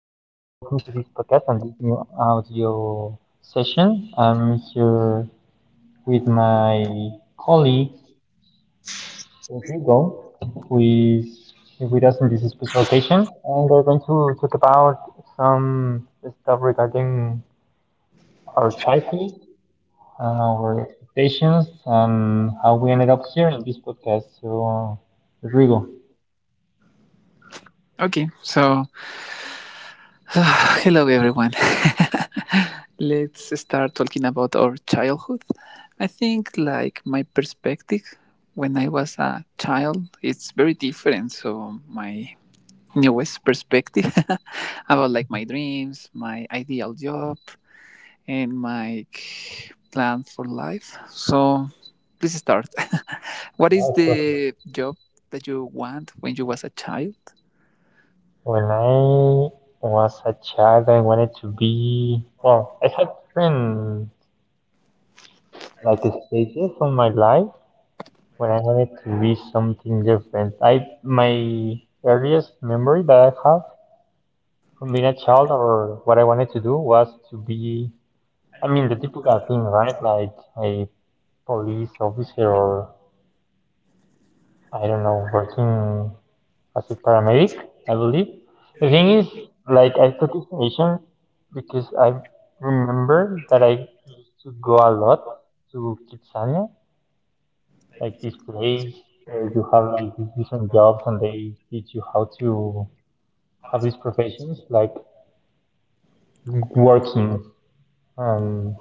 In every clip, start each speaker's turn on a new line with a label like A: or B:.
A: welcome to this podcast and this new audio session. I'm here with my colleague Rodrigo who is with us in this special occasion, and we're going to talk about some stuff regarding our childhood, our expectations and how we ended up here in this podcast. So Rodrigo.
B: Okay, so hello everyone. Let's start talking about our childhood. I think like my perspective when I was a child, it's very different. So my newest perspective about like my dreams, my ideal job, and my plan for life. So please start. What is the job that you want when you was a child?
A: When I was a child, I wanted to be, well, I had different like stages of my life when I wanted to be something different. I My earliest memory that I have from being a child or what I wanted to do was to be, I mean, the typical thing, right? Like a police officer or I don't know, working as a paramedic, I believe. The thing is, I took this nation because I remember that I used to go a lot to Kitsania, like this place where you have these different jobs and they teach you how to have these professions, like working. Um,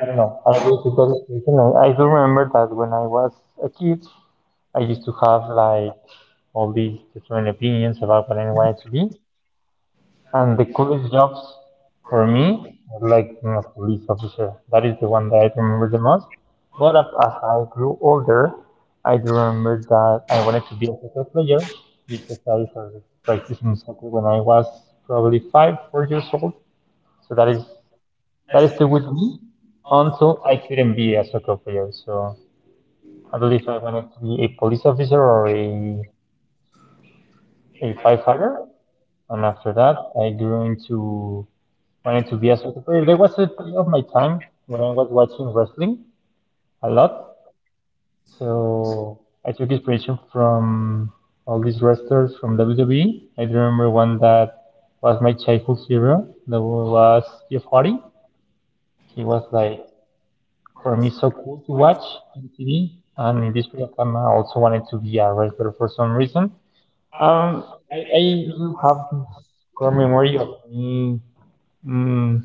A: I don't know. I really took that experience, and I do remember that when I was a kid, I used to have like all these different opinions about what I wanted to be. And the coolest jobs for me, like I a police officer, that is the one that I remember the most. But as I grew older, I do remember that I wanted to be a soccer player because I started practicing soccer when I was probably five, 4 years old. So that is still with me until I couldn't be a soccer player. So I believe I wanted to be a police officer or a firefighter. And after that, I grew into wanted to be my enthusiasm. There was a period of my time when I was watching wrestling a lot, so I took inspiration from all these wrestlers from WWE. I do remember one that was my childhood hero. That was Jeff Hardy. He was like for me so cool to watch on TV. And in this period of time, I also wanted to be a wrestler for some reason. Um, I do have this core memory of me mm,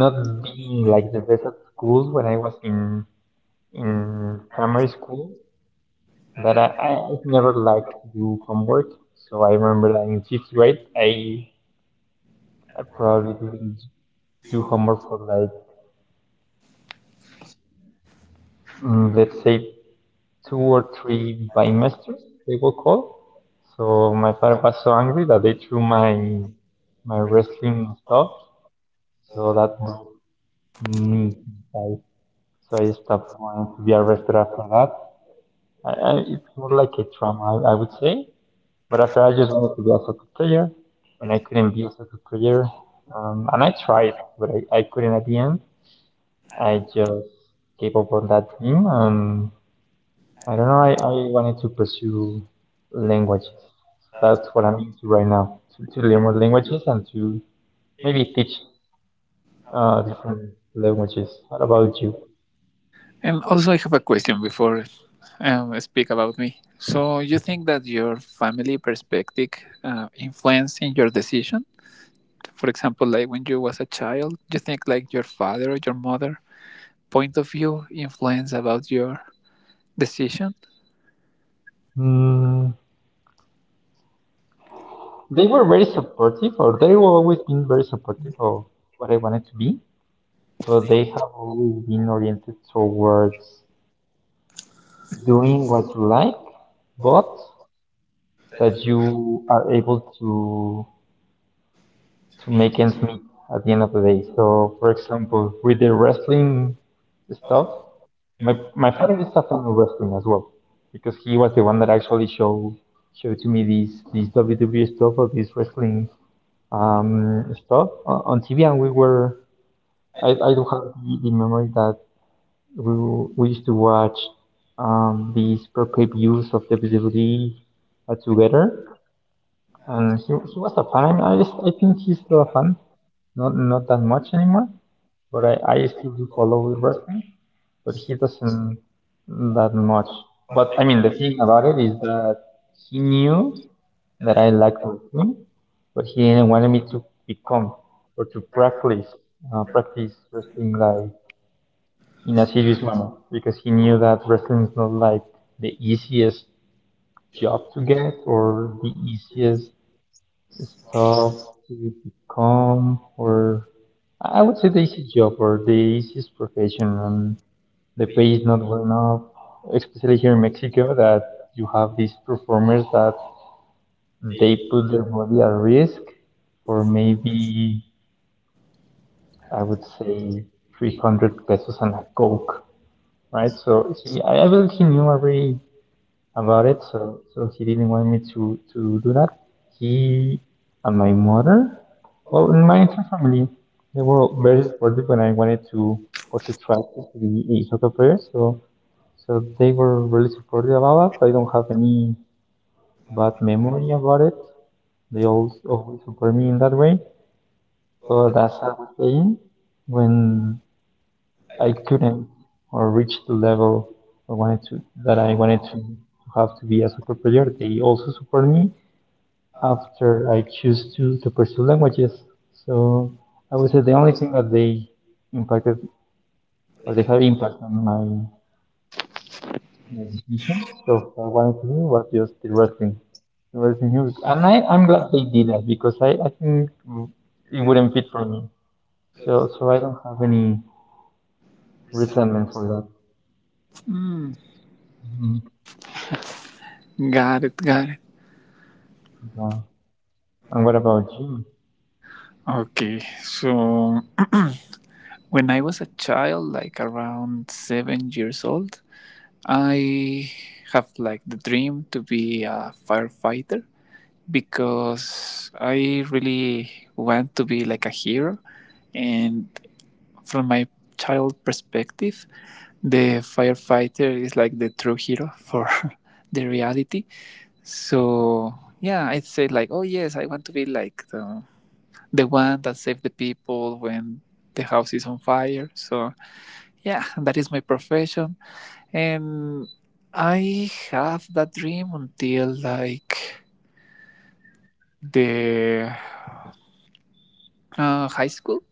A: not the like the best at school when I was in primary school, but I never liked to do homework. So I remember that in 5th grade, I probably didn't do homework for like let's say two or three bimesters they were called. So my father was so angry that they threw my wrestling stuff. So that broke me inside. So I stopped wanting to be arrested after that. It's more like a trauma, I would say. But after I just wanted to be a soccer player, and I couldn't be a soccer player, and I tried, but I couldn't at the end. I just gave up on that dream, and I don't know. I wanted to pursue languages. That's what I'm into right now, to learn more languages and to maybe teach different languages. What about you?
B: And also, I have a question before I speak about me. So, you think that your family perspective influencing your decision? For example, like when you was a child, you think like your father or your mother point of view influence about your decision?
A: Mm, they were very supportive, or they were always been very supportive of what I wanted to be, but they have always been oriented towards doing what you like, but that you are able to make ends meet at the end of the day. So, for example, with the wrestling stuff, my father is a fan of wrestling as well, because he was the one that actually showed to me these WWE stuff or this wrestling stuff on TV, and we were. I do have the memory that we we used to watch these pro clip views of WWE together, and he was a fan. I just I think he's still a fan. Not that much anymore, but I still do follow wrestling, but he doesn't that much. But I mean, the thing about it is that he knew that I liked wrestling, but he didn't want me to become or to practice practice wrestling like in a serious manner because he knew that wrestling is not like the easiest job to get or the easiest stuff to become or I would say the easy job or the easiest profession and the pay is not well enough, especially here in Mexico that you have these performers that they put their body at risk for maybe I would say 300 pesos and a coke, right? So I believe he knew already about it. So so he didn't want me to do that. He and my mother, well, in my entire family, they were very supportive when I wanted to or to try to be a soccer player. So so they were really supportive about that. I don't have any bad memory about it. They always support me in that way. So that's how I was playing when I couldn't or reach the level I wanted to that I wanted to have to be a soccer player. They also support me after I choose to pursue languages. So I would say the only thing that they impacted or they had impact on my decisions of what I wanted to do was just the wrestling. The wrestling news. And I'm glad they did that because I think it wouldn't fit for me. So so I don't have any resentment for that.
B: Hmm.
A: Mhm.
B: Got it. Got it.
A: Yeah. And what about you?
B: Okay. So, when I was a child, like around 7 years old, I have like the dream to be a firefighter because I really want to be like a hero. And from my child perspective, the firefighter is like the true hero for the reality. So yeah, I'd say like, oh yes, I want to be like the one that saved the people when the house is on fire. So yeah, that is my profession, and I have that dream until like the high school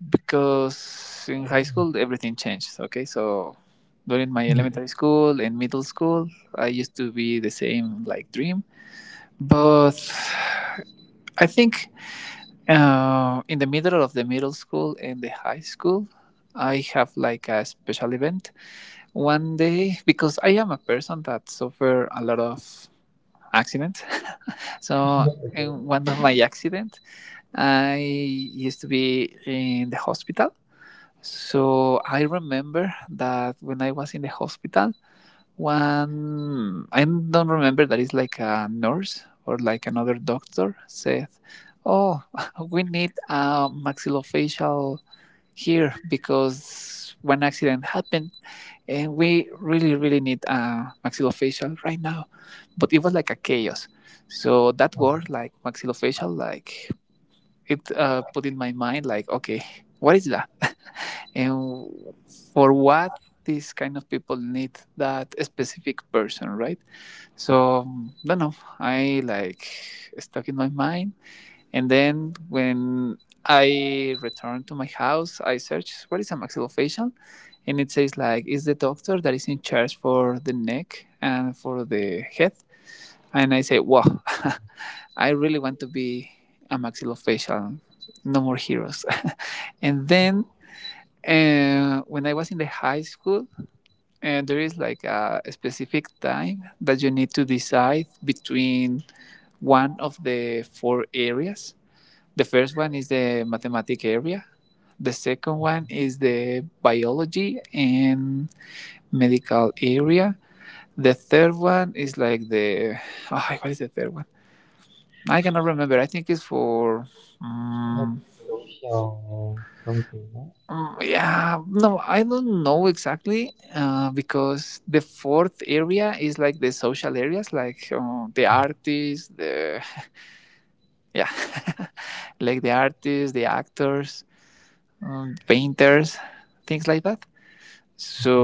B: because in high school everything changes. Okay, so during my elementary school and middle school I used to be the same like dream, but I think in the middle of the middle school and the high school I have like a special event one day because I am a person that suffer a lot of accidents. So in one of my accident I used to be in the hospital. So I remember that when I was in the hospital, one I don't remember that it's like a nurse or like another doctor said, "Oh, we need a maxillofacial here because one accident happened." And we really, really need a maxillofacial right now, but it was like a chaos. So that word, like maxillofacial, like it put in my mind, like, okay, what is that? And for what these kind of people need that specific person, right? So don't know, I like stuck in my mind. And then when I returned to my house I searched what is a maxillofacial, and it says like is the doctor that is in charge for the neck and for the head. And I say wow. I really want to be a maxillofacial. No more heroes. and then and when I was in the high school, and there is like a specific time that you need to decide between one of the four areas. The first one is the mathematics area. The second one is the biology and medical area. The third one is like the oh, what is the third one? I cannot remember. I think it's for
A: Like
B: mm,
A: social something, no?
B: Mm, yeah, no, I don't know exactly, because the fourth area is like the social areas, like the artists, the yeah, like the artists, the actors, painters, things like that.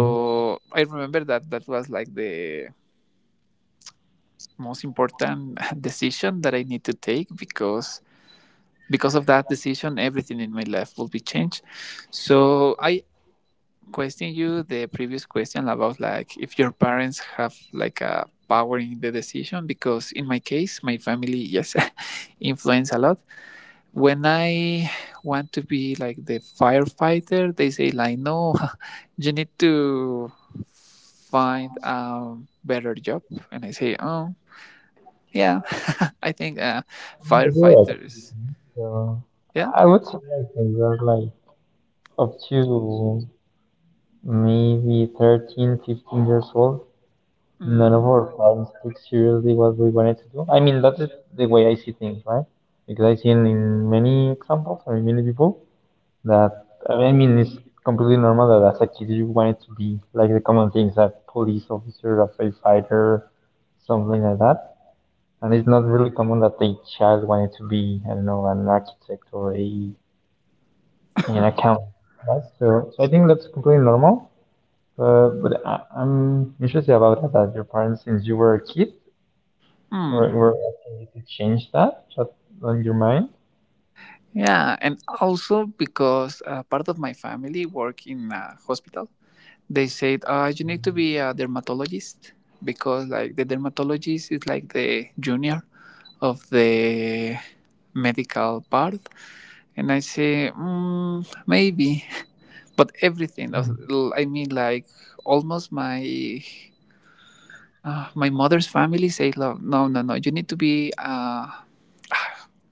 A: Hmm.
B: I remember that that was like the most important decision that I need to take because of that decision, everything in my life will be changed. So I question you the previous question about like if your parents have like a power in the decision, because in my case my family, yes, influence a lot. When I want to be like the firefighter, they say like, no, you need to find a better job. And I say, oh yeah, I think, firefighters,
A: Yeah,
B: yeah.
A: I would say like when were like up to maybe 13, 15 years old, none
B: Mm.
A: of our parents took seriously what we wanted to do. I mean, that's the way I see things, right? Because I've seen in many examples or in many people that, I mean, it's completely normal that as a kid you wanted to be like the common things, a police officer, a firefighter, something like that. And it's not really common that a child wanted to be, I don't know, an architect or a in an account, right? So, so I think that's completely normal. But I'm interested about that. Your parents, since you were a kid,
B: Mm.
A: were asking you to change that, that on your mind.
B: Yeah, and also because part of my family work in a hospital, they said you need to be a dermatologist because like the dermatologist is like the junior of the medical part, and I say, maybe, but everything. I mean, like almost my mother's family say no, no, no, no. You need to be.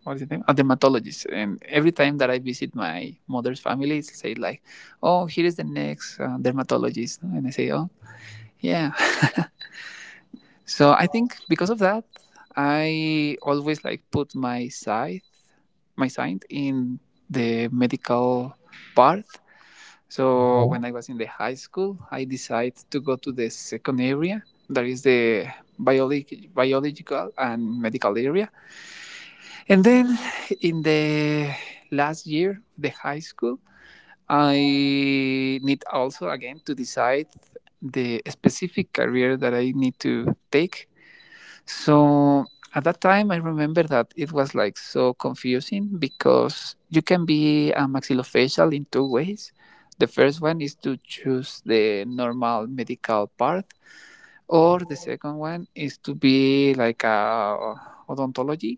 B: What is his name? A dermatologist. And every time that I visit my mother's family, it's say like, oh, here is the next dermatologist. And I say, oh, yeah. So I think because of that, I always like put my side in the medical part. So when
A: Okay.
B: I was in the high school, I decided to go to the second area. That is the biological and medical area. And then in the last year, the high school, I need also again to decide the specific career that I need to take. So at that time, I remember that it was like so confusing because you can be a maxillofacial in two ways. The first one is to choose the normal medical part, or the second one is to be like a odontology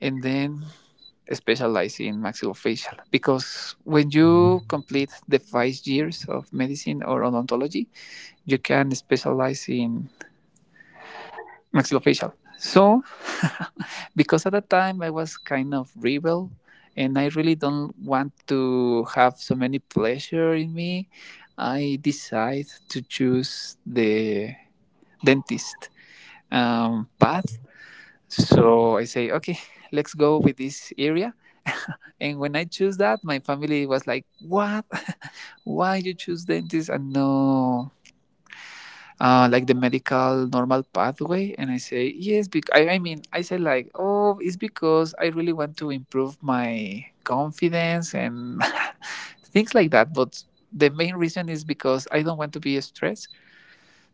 B: and then specialize in maxillofacial because when you complete the 5 years of medicine or odontology, you can specialize in maxillofacial. So, because at that time I was kind of rebel and I really don't want to have so many pleasure in me, I decide to choose the dentist path. So I say, okay, let's go with this area. And when I choose that, my family was like, "What? Why you choose dentist and no like the medical normal pathway?" And I say, "Yes, because I mean, I say like, oh, it's because I really want to improve my confidence and things like that." But the main reason is because I don't want to be stressed,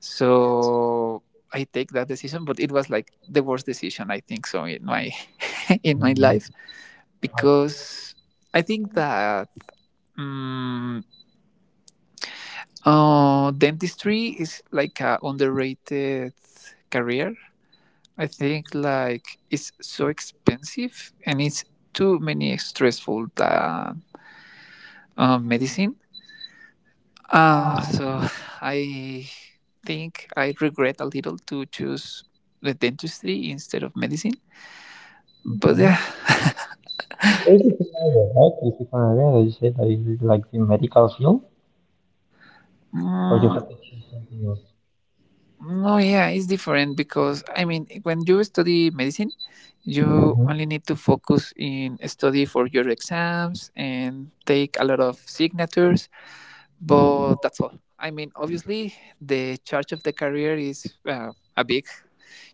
B: so I take that decision. But it was like the worst decision I think so in my in my
A: Mm,
B: life,
A: I
B: because I think that Mm, dentistry is like a underrated career. I think like it's so expensive and it's too many stressful that medicine. So I think I regret a little to choose the dentistry instead of medicine.
A: see,
B: But
A: okay.
B: yeah,
A: There is a thing like that, right? There is a thing like that. You said that you did, like the medical field, or you
B: Mm.
A: have to change something else.
B: No, yeah, it's different because I mean, when you study medicine, you
A: Mm-hmm.
B: only need to focus in study for your exams and take a lot of signatures, but that's all. I mean, obviously, the charge of the career is a big.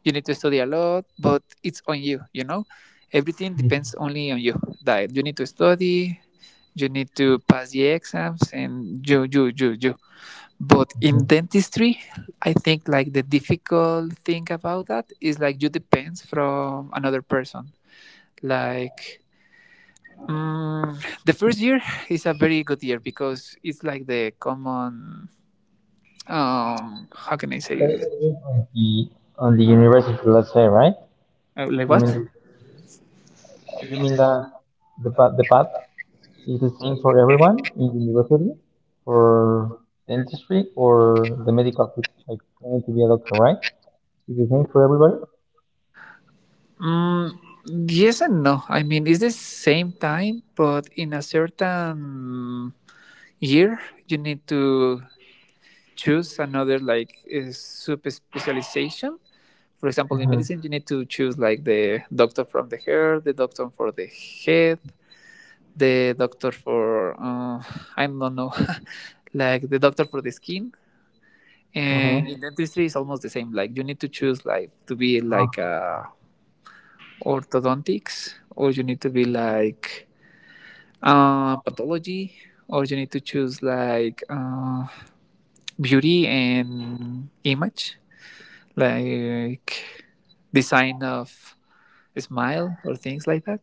B: You need to study a lot, but it's on you, you know? Everything
A: Mm-hmm.
B: depends only on you. That you need to study, you need to pass the exams, and you, you, you, you. But in dentistry, I think like the difficult thing about that is like you depends from another person. Like mm, the first year is a very good year because it's like the common how can I say
A: But it's
B: it?
A: only on the university, let's say, right?
B: Like
A: You
B: what?
A: mean you mean the the path is the same for everyone in university, for dentistry, or the medical field, like trying to be a doctor, right? Is the same for everybody?
B: Mm, yes and no. I mean it's the same time, but in a certain year you need to choose another like sub specialization. For example, in
A: Mm-hmm.
B: medicine, you need to choose like the doctor from the hair, the doctor for the head, the doctor for I don't know, like the doctor for the skin. And
A: Okay.
B: in dentistry, it's almost the same. Like you need to choose like to be like orthodontics, or you need to be like pathology, or you need to choose like beauty and image. Like design of smile or things like that.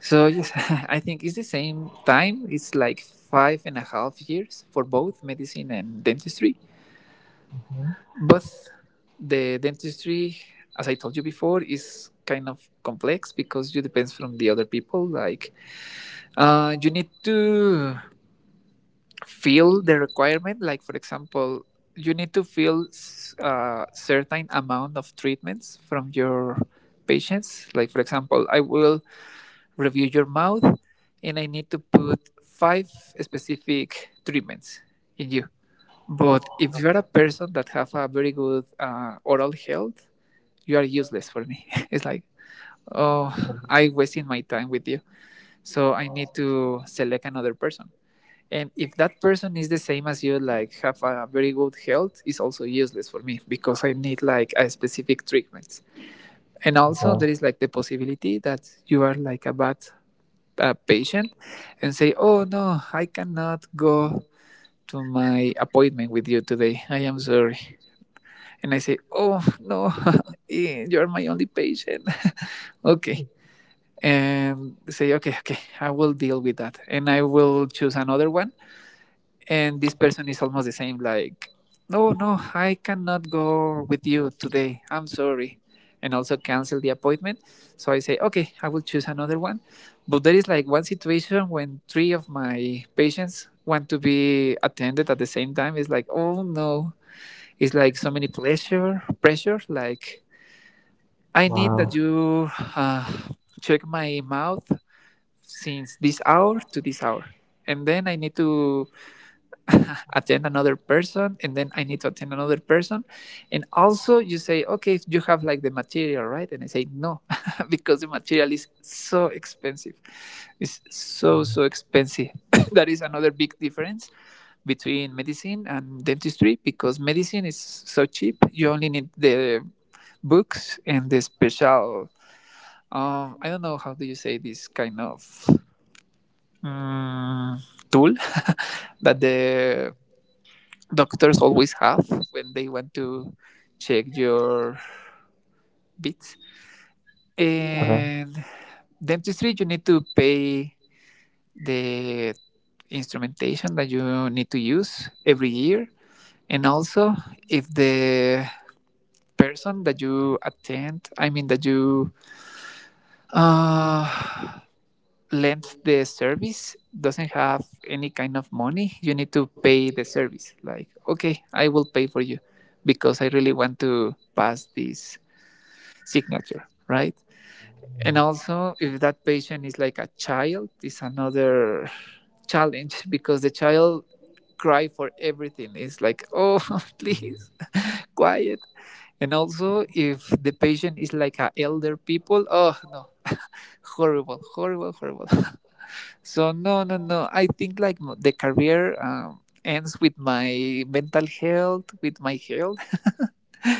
B: So yes, I think it's the same time. It's like 5.5 years for both medicine and dentistry. But the dentistry, as I told you before, is kind of complex because you depends from the other people. Like you need to feel the requirement, like for example you need to feel a certain amount of treatments from your patients, like for example I will review your mouth and I need to put five specific treatments in you. But if you're a person that have a very good oral health, you are useless for me. It's like, oh, I wasting my time with you, so I need to select another person. And if that person is the same as you, like have a very good health, is also useless for me because I need like a specific treatment. And also
A: Okay.
B: there is like the possibility that you are like a bad patient, and say, oh no, I cannot go to my appointment with you today, I am sorry. And I say, oh no. You're my only patient. Okay. And say okay, okay, I will deal with that and I will choose another one. And this person is almost the same, like, no, no, I cannot go with you today, I'm sorry. And also cancel the appointment. So I say okay, I will choose another one. But there is like one situation when three of my patients want to be attended at the same time. It's like, oh no, it's like so many pleasure pressure, like I need
A: Wow.
B: that you uh, check my mouth since this hour to this hour, and then I need to attend another person, and then I need to attend another person. And also you say okay You have like the material, right? And I say no, because the material is so expensive. It's so expensive, that is another big difference between medicine and dentistry, because medicine is so cheap. You only need the books and the special, I don't know how do you say this kind of, mm, tool that the doctors always have when they want to check your bits.
A: Okay.
B: And dentistry, you need to pay the instrumentation that you need to use every year. And also, if the person that you attend, I mean, that you uh, lend the service doesn't have any kind of money, you need to pay the service. Like, okay, I will pay for you because I really want to pass this signature, right? And also, if that patient is like a child, it's another challenge because the child cry for everything. It's like, oh, please, quiet. And also, if the patient is like a elder people, oh no, horrible, horrible, horrible. So no, no, no. I think like the career, ends with my mental health, with my health,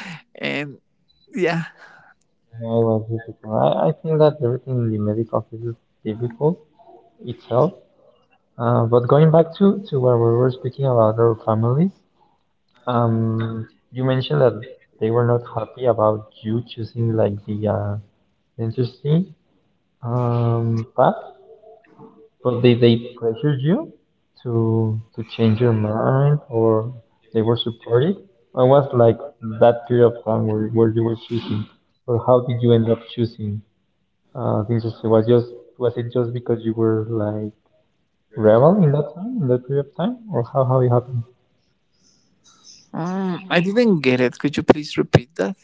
B: and yeah.
A: Yeah, it was difficult. I think that everything in the medical field is difficult itself. But going back to where we were speaking about our families, you mentioned that they were not happy about you choosing like the dentistry path. But did they pressured you to to change your mind, or they were supportive? I was like that period of time where you were choosing, or how did you end up choosing? Things just was it just because you were like rebel in that time, in that period of time, or how it happened?
B: Mm, I didn't get it. Could you please repeat that?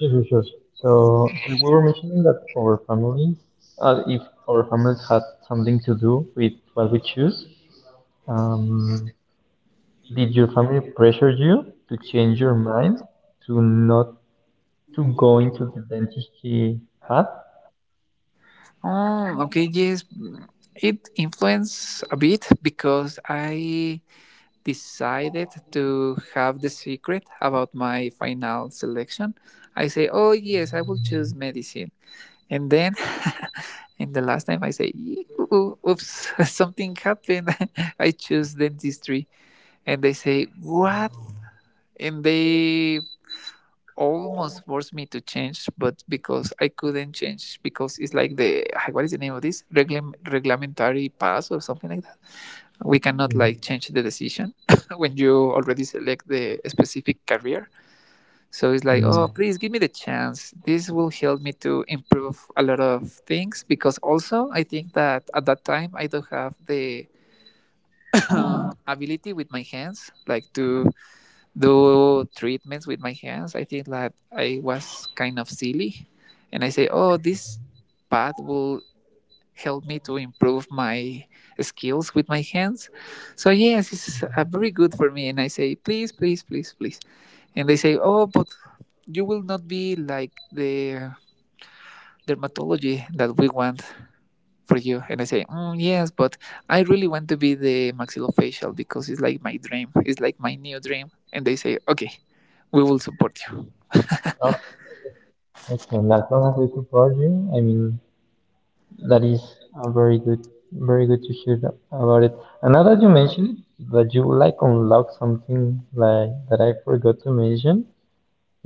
A: Sure, sure, sure. So, so we were mentioning that our families, if our families had something to do with what we choose, um, did your family pressure you to change your mind to not to go into the dentistry path?
B: Oh, okay, yes. It influenced a bit because I decided to have the secret about my final selection. I say, oh, yes, I will choose medicine. And then, and the last time I say, Oops, something happened. I choose dentistry." And they say, what? And they almost forced me to change, but because I couldn't change, because it's like the ah, what is the name of this reglamentary pass or something like that. We cannot
A: Mm,
B: like change the decision when you already select the specific career. So it's like,
A: mm.
B: oh, please give me the chance. This will help me to improve a lot of things because also I think that at that time I don't have the ability with my hands, like to do treatments with my hands. I think that I was kind of silly. And I say, oh, this path will help me to improve my skills with my hands. So, yes, it's very good for me. And I say, please, please, please, please. And they say, oh, but you will not be like the dermatology that we want for you. And I say mm, yes, but I really want to be the maxillofacial because it's like my dream, it's like my new dream. And they say, okay, we will support you.
A: Oh, excellent. As long as they support you, I mean, that is a very good, very good to hear about it. And now that you mentioned it, that you like unlock something like that I forgot to mention,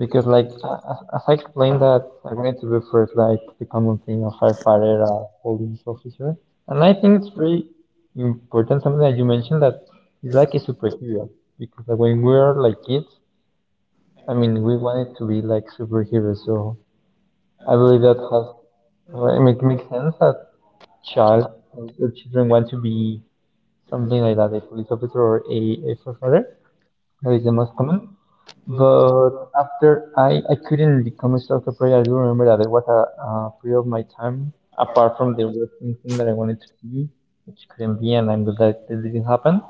A: because as I explained that I wanted to be first like the common thing of firefighter, a police officer, and I think it's very important something that you mentioned that it's like a superhero because like, when we were like kids, I mean we wanted to be like superheroes. So I believe that has I mean, it makes sense that child or children want to be something like that, a police officer or a firefighter. That is the most common. But after I couldn't become a soccer player, I do remember that it was a period of my time, apart from the wrestling thing that I wanted to be, which couldn't be, and I'm glad that this didn't happen.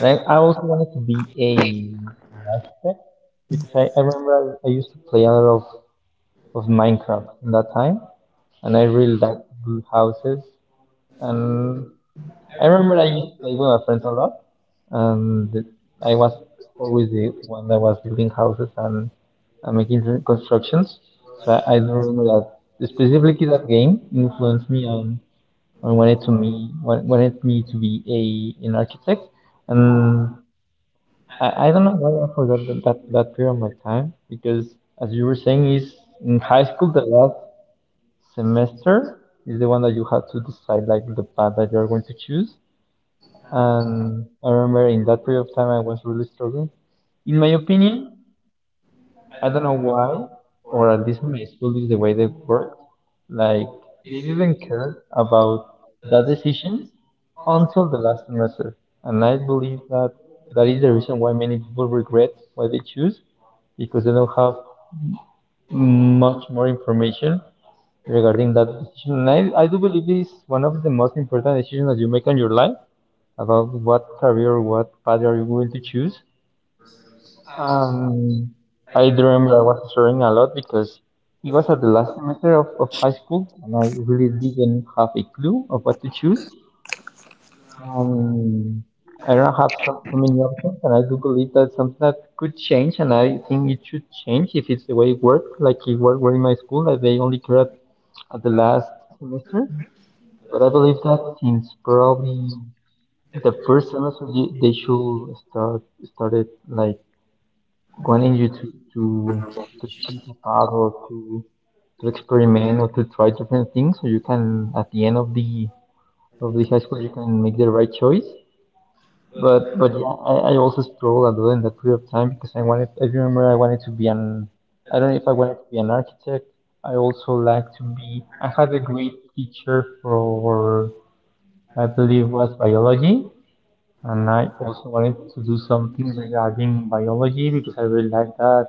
A: And I also wanted to be a architect because I remember I used to play a lot of Minecraft in that time, and I really liked build houses. And I remember I used to play with my friends a lot, and I was always the one that was building houses and making the constructions. So I do remember that specifically that game influenced me on, wanted me to be a an architect, and I don't know why I forgot that that period of my time because as you were saying is in high school the last semester is the one that you have to decide like the path that you're going to choose, and I remember in that period of time I was really struggling. In my opinion, I don't know why, or at least in my school is the way they worked. Like they didn't care about that decisions until the last semester. And I believe that that is the reason why many people regret why they choose, because they don't have much more information regarding that decision. And I do believe it is one of the most important decisions that you make in your life about what career, what path are you going to choose. Um, I do remember I was sharing a lot because it was at the last semester of high school and I really didn't have a clue of what to choose. Um, I don't have so many options, and I do believe that's something that could change, and I think it should change if it's the way it worked, like were in my school, that they only cared at the last semester. But I believe that since probably the first semester they should started like wanting you to to choose a path, or to experiment, or to try different things so you can at the end of the high school you can make the right choice. But yeah, I also struggled a lot in that period of time because I remember I wanted to be an — I don't know if I wanted to be an architect. I also like to be — I had a great teacher for, I believe, was biology. And I also wanted to do something regarding biology because I really like that.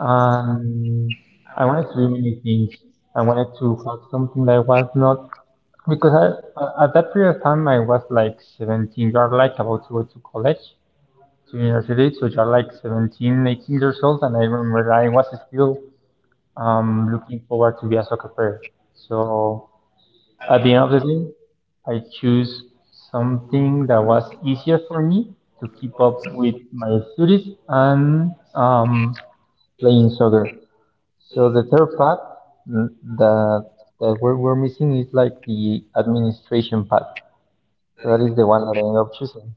A: And I wanted to do many things. I wanted to find something that I was not, because at that period of time I was like 17. You're like about to go to college, to university, so you're like 17, 18 years old. And I remember I was still looking forward to be a soccer player. So. At the end of the day, I choose something that was easier for me to keep up with my studies and, playing soccer. So the third part, mm, that that we're missing is like the administration part. So that is the one that I ended up choosing.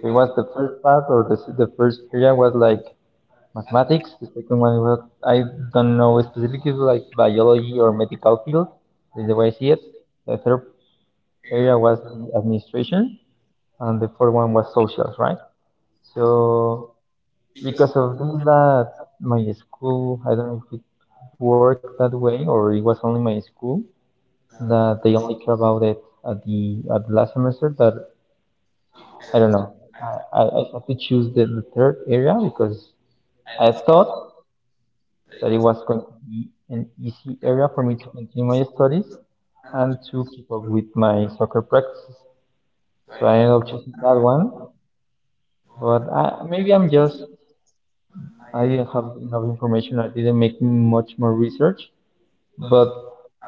A: So it was the first part, or the first area was like mathematics. The second one was, I don't know specifically, like biology or medical field. This is the way I see it. The third area was administration, and the fourth one was socials, right? So because of this, that my school, I don't know if it worked that way or it was only my school, that they only care about it at the last semester. That I don't know. I had to choose the third area because I thought that it was going to be an easy area for me to continue my studies and to keep up with my soccer practices. So I ended up choosing that one. But I, maybe I'm just, I have enough information. I didn't make much more research. But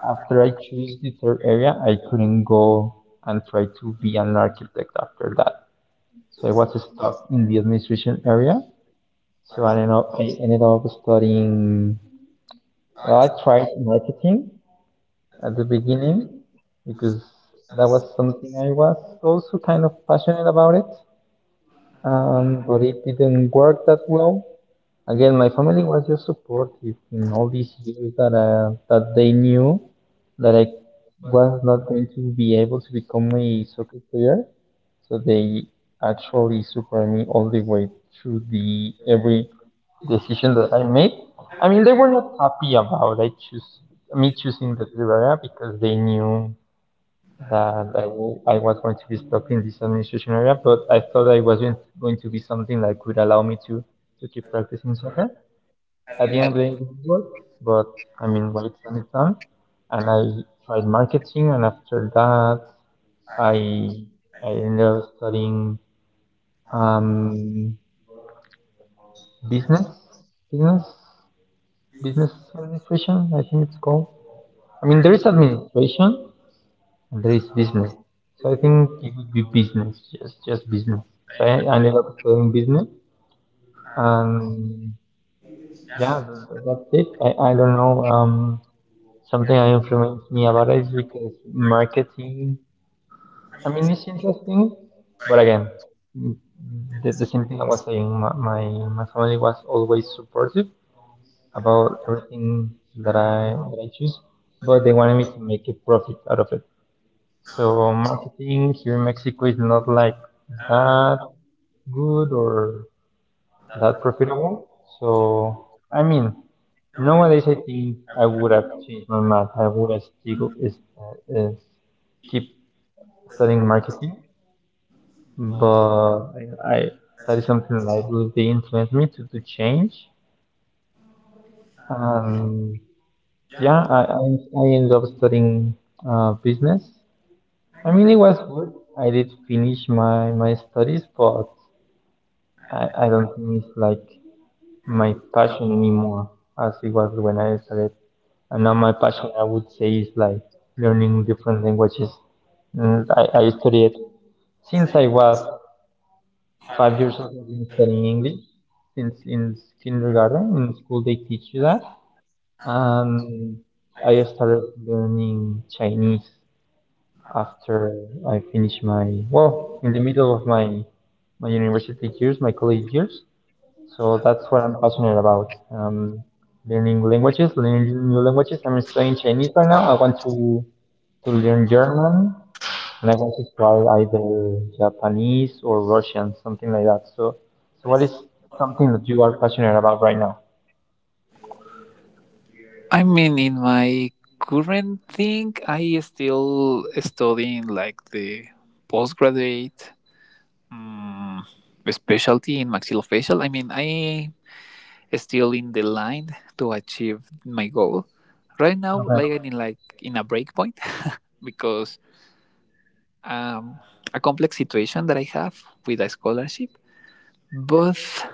A: after I choose the third area, I couldn't go and try to be an architect after that. So I was stuck in the administration area. So I ended up studying, well, I tried marketing at the beginning because that was something I was also kind of passionate about it. But it didn't work that well. Again, my family was just supportive in all these years that that they knew that I was not going to be able to become a soccer player. So they actually supported me all the way through the every decision that I made. I mean, they were not happy about I choose me choosing the blue area because they knew that I was going to be stuck in this administration area, but I thought I wasn't going to be something that could allow me to keep practicing soccer. At the end of the day, it didn't work, but I mean, what it's done, is done. And I tried marketing, and after that, I I ended up studying, um, business, business, business administration, I think it's called. I mean, there is administration and there is business. So I think it would be business, just business. So I ended up studying business, and yeah, that's it. I don't know. Something that influenced me about it is because marketing, I mean, it's interesting, but again, mm, the same thing I was saying, my family was always supportive about everything that I choose, but they wanted me to make a profit out of it. So marketing here in Mexico is not like that good or that profitable. So I mean, nowadays I think I would have changed my math. I would have still is Keep studying marketing. But I that is something that I believe be influenced me to change. Um, yeah, I ended up studying business. I mean, it was good. I did finish my my studies, but I don't think it's like my passion anymore as it was when I started. And now my passion, I would say, is like learning different languages. And I studied since I was 5 years old. I've been studying English since in kindergarten. In school, they teach you that. And I started learning Chinese after I finished my — well, in the middle of my my university years, my college years. So that's what I'm passionate about. Learning languages, learning new languages. I'm studying Chinese right now. I want to learn German, and I wanted to try either Japanese or Russian, something like that. So, so what is something that you are passionate about right now?
B: I mean, in my current thing, I still studying like the postgraduate, mm, specialty in maxillofacial. I mean, I still in the line to achieve my goal. Right now,
A: Okay.
B: like, I'm in like in a break point because um, a complex situation that I have with a scholarship. Both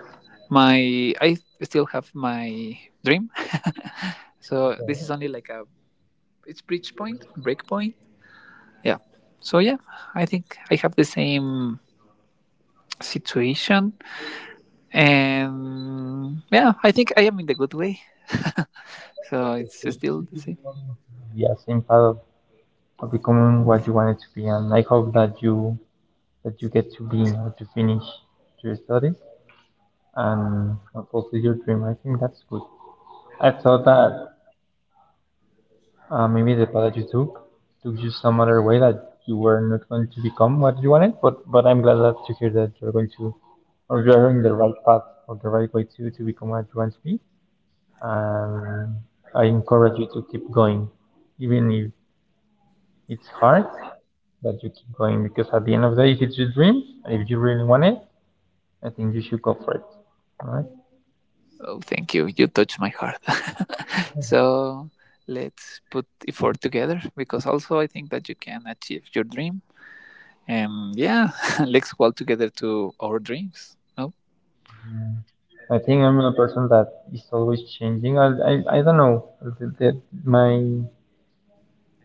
B: my, I still have my dream. So this is only like a, it's bridge point, break point. Yeah. So yeah, I think I have the same situation. And yeah, I think I am in the good way. So it's still the same.
A: Yeah, same path of becoming what you wanted to be, and I hope that you get to be or to finish your studies and fulfill your dream. I think that's good. I thought that maybe the path that you took took you some other way that you were not going to become what you wanted, but I'm glad that to hear that you're going to, or you are in the right path or the right way to become what you want to be. And I encourage you to keep going, even if it's hard, but you keep going because at the end of the day, if it's your dream and if you really want it, I think you should go for it. All right.
B: Oh, thank you. You touched my heart. So let's put effort together because also I think that you can achieve your dream. And yeah, let's walk together to our dreams. No,
A: I think I'm a person that is always changing. I don't know. The, the, my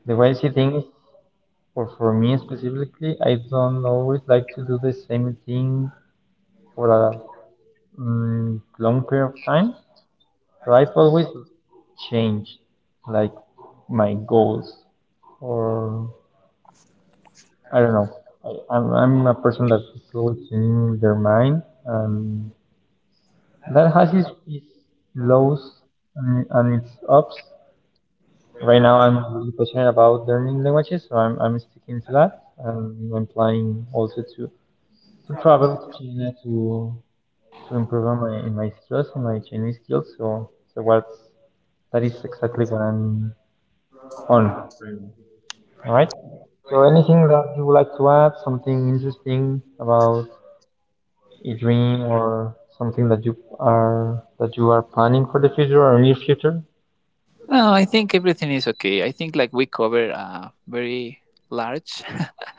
A: the way I see things, or for me specifically, I don't always like to do the same thing for a, long period of time. So I've always changed like my goals, or I don't know. I'm a person that is always changing their mind and that has its lows and its ups. Right now I'm really passionate about learning languages, so I'm sticking to that, and I'm planning also to travel to China to improve on my in my skills and my Chinese skills. So so what's — that is exactly what I'm on. All right. So anything that you would like to add, something interesting about a dream or something that you are planning for the future or near future?
B: no, I think everything is okay. I think like we cover a very large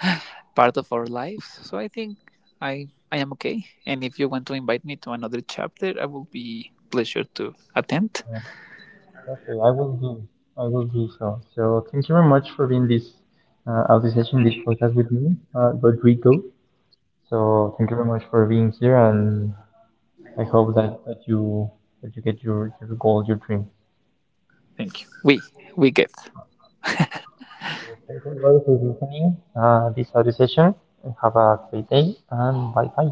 B: part of our lives. So I think I am okay. And if you want to invite me to another chapter, I will be pleasure to attend.
A: Uh, Okay, I will do. I will do so. So thank you very much for being this out this session, this podcast with me, Rodrigo. So thank you very much for being here, and I hope that you get your goal, your dream.
B: Thank you. We get.
A: Thank you everybody for listening this audio session. Have a great day and bye bye.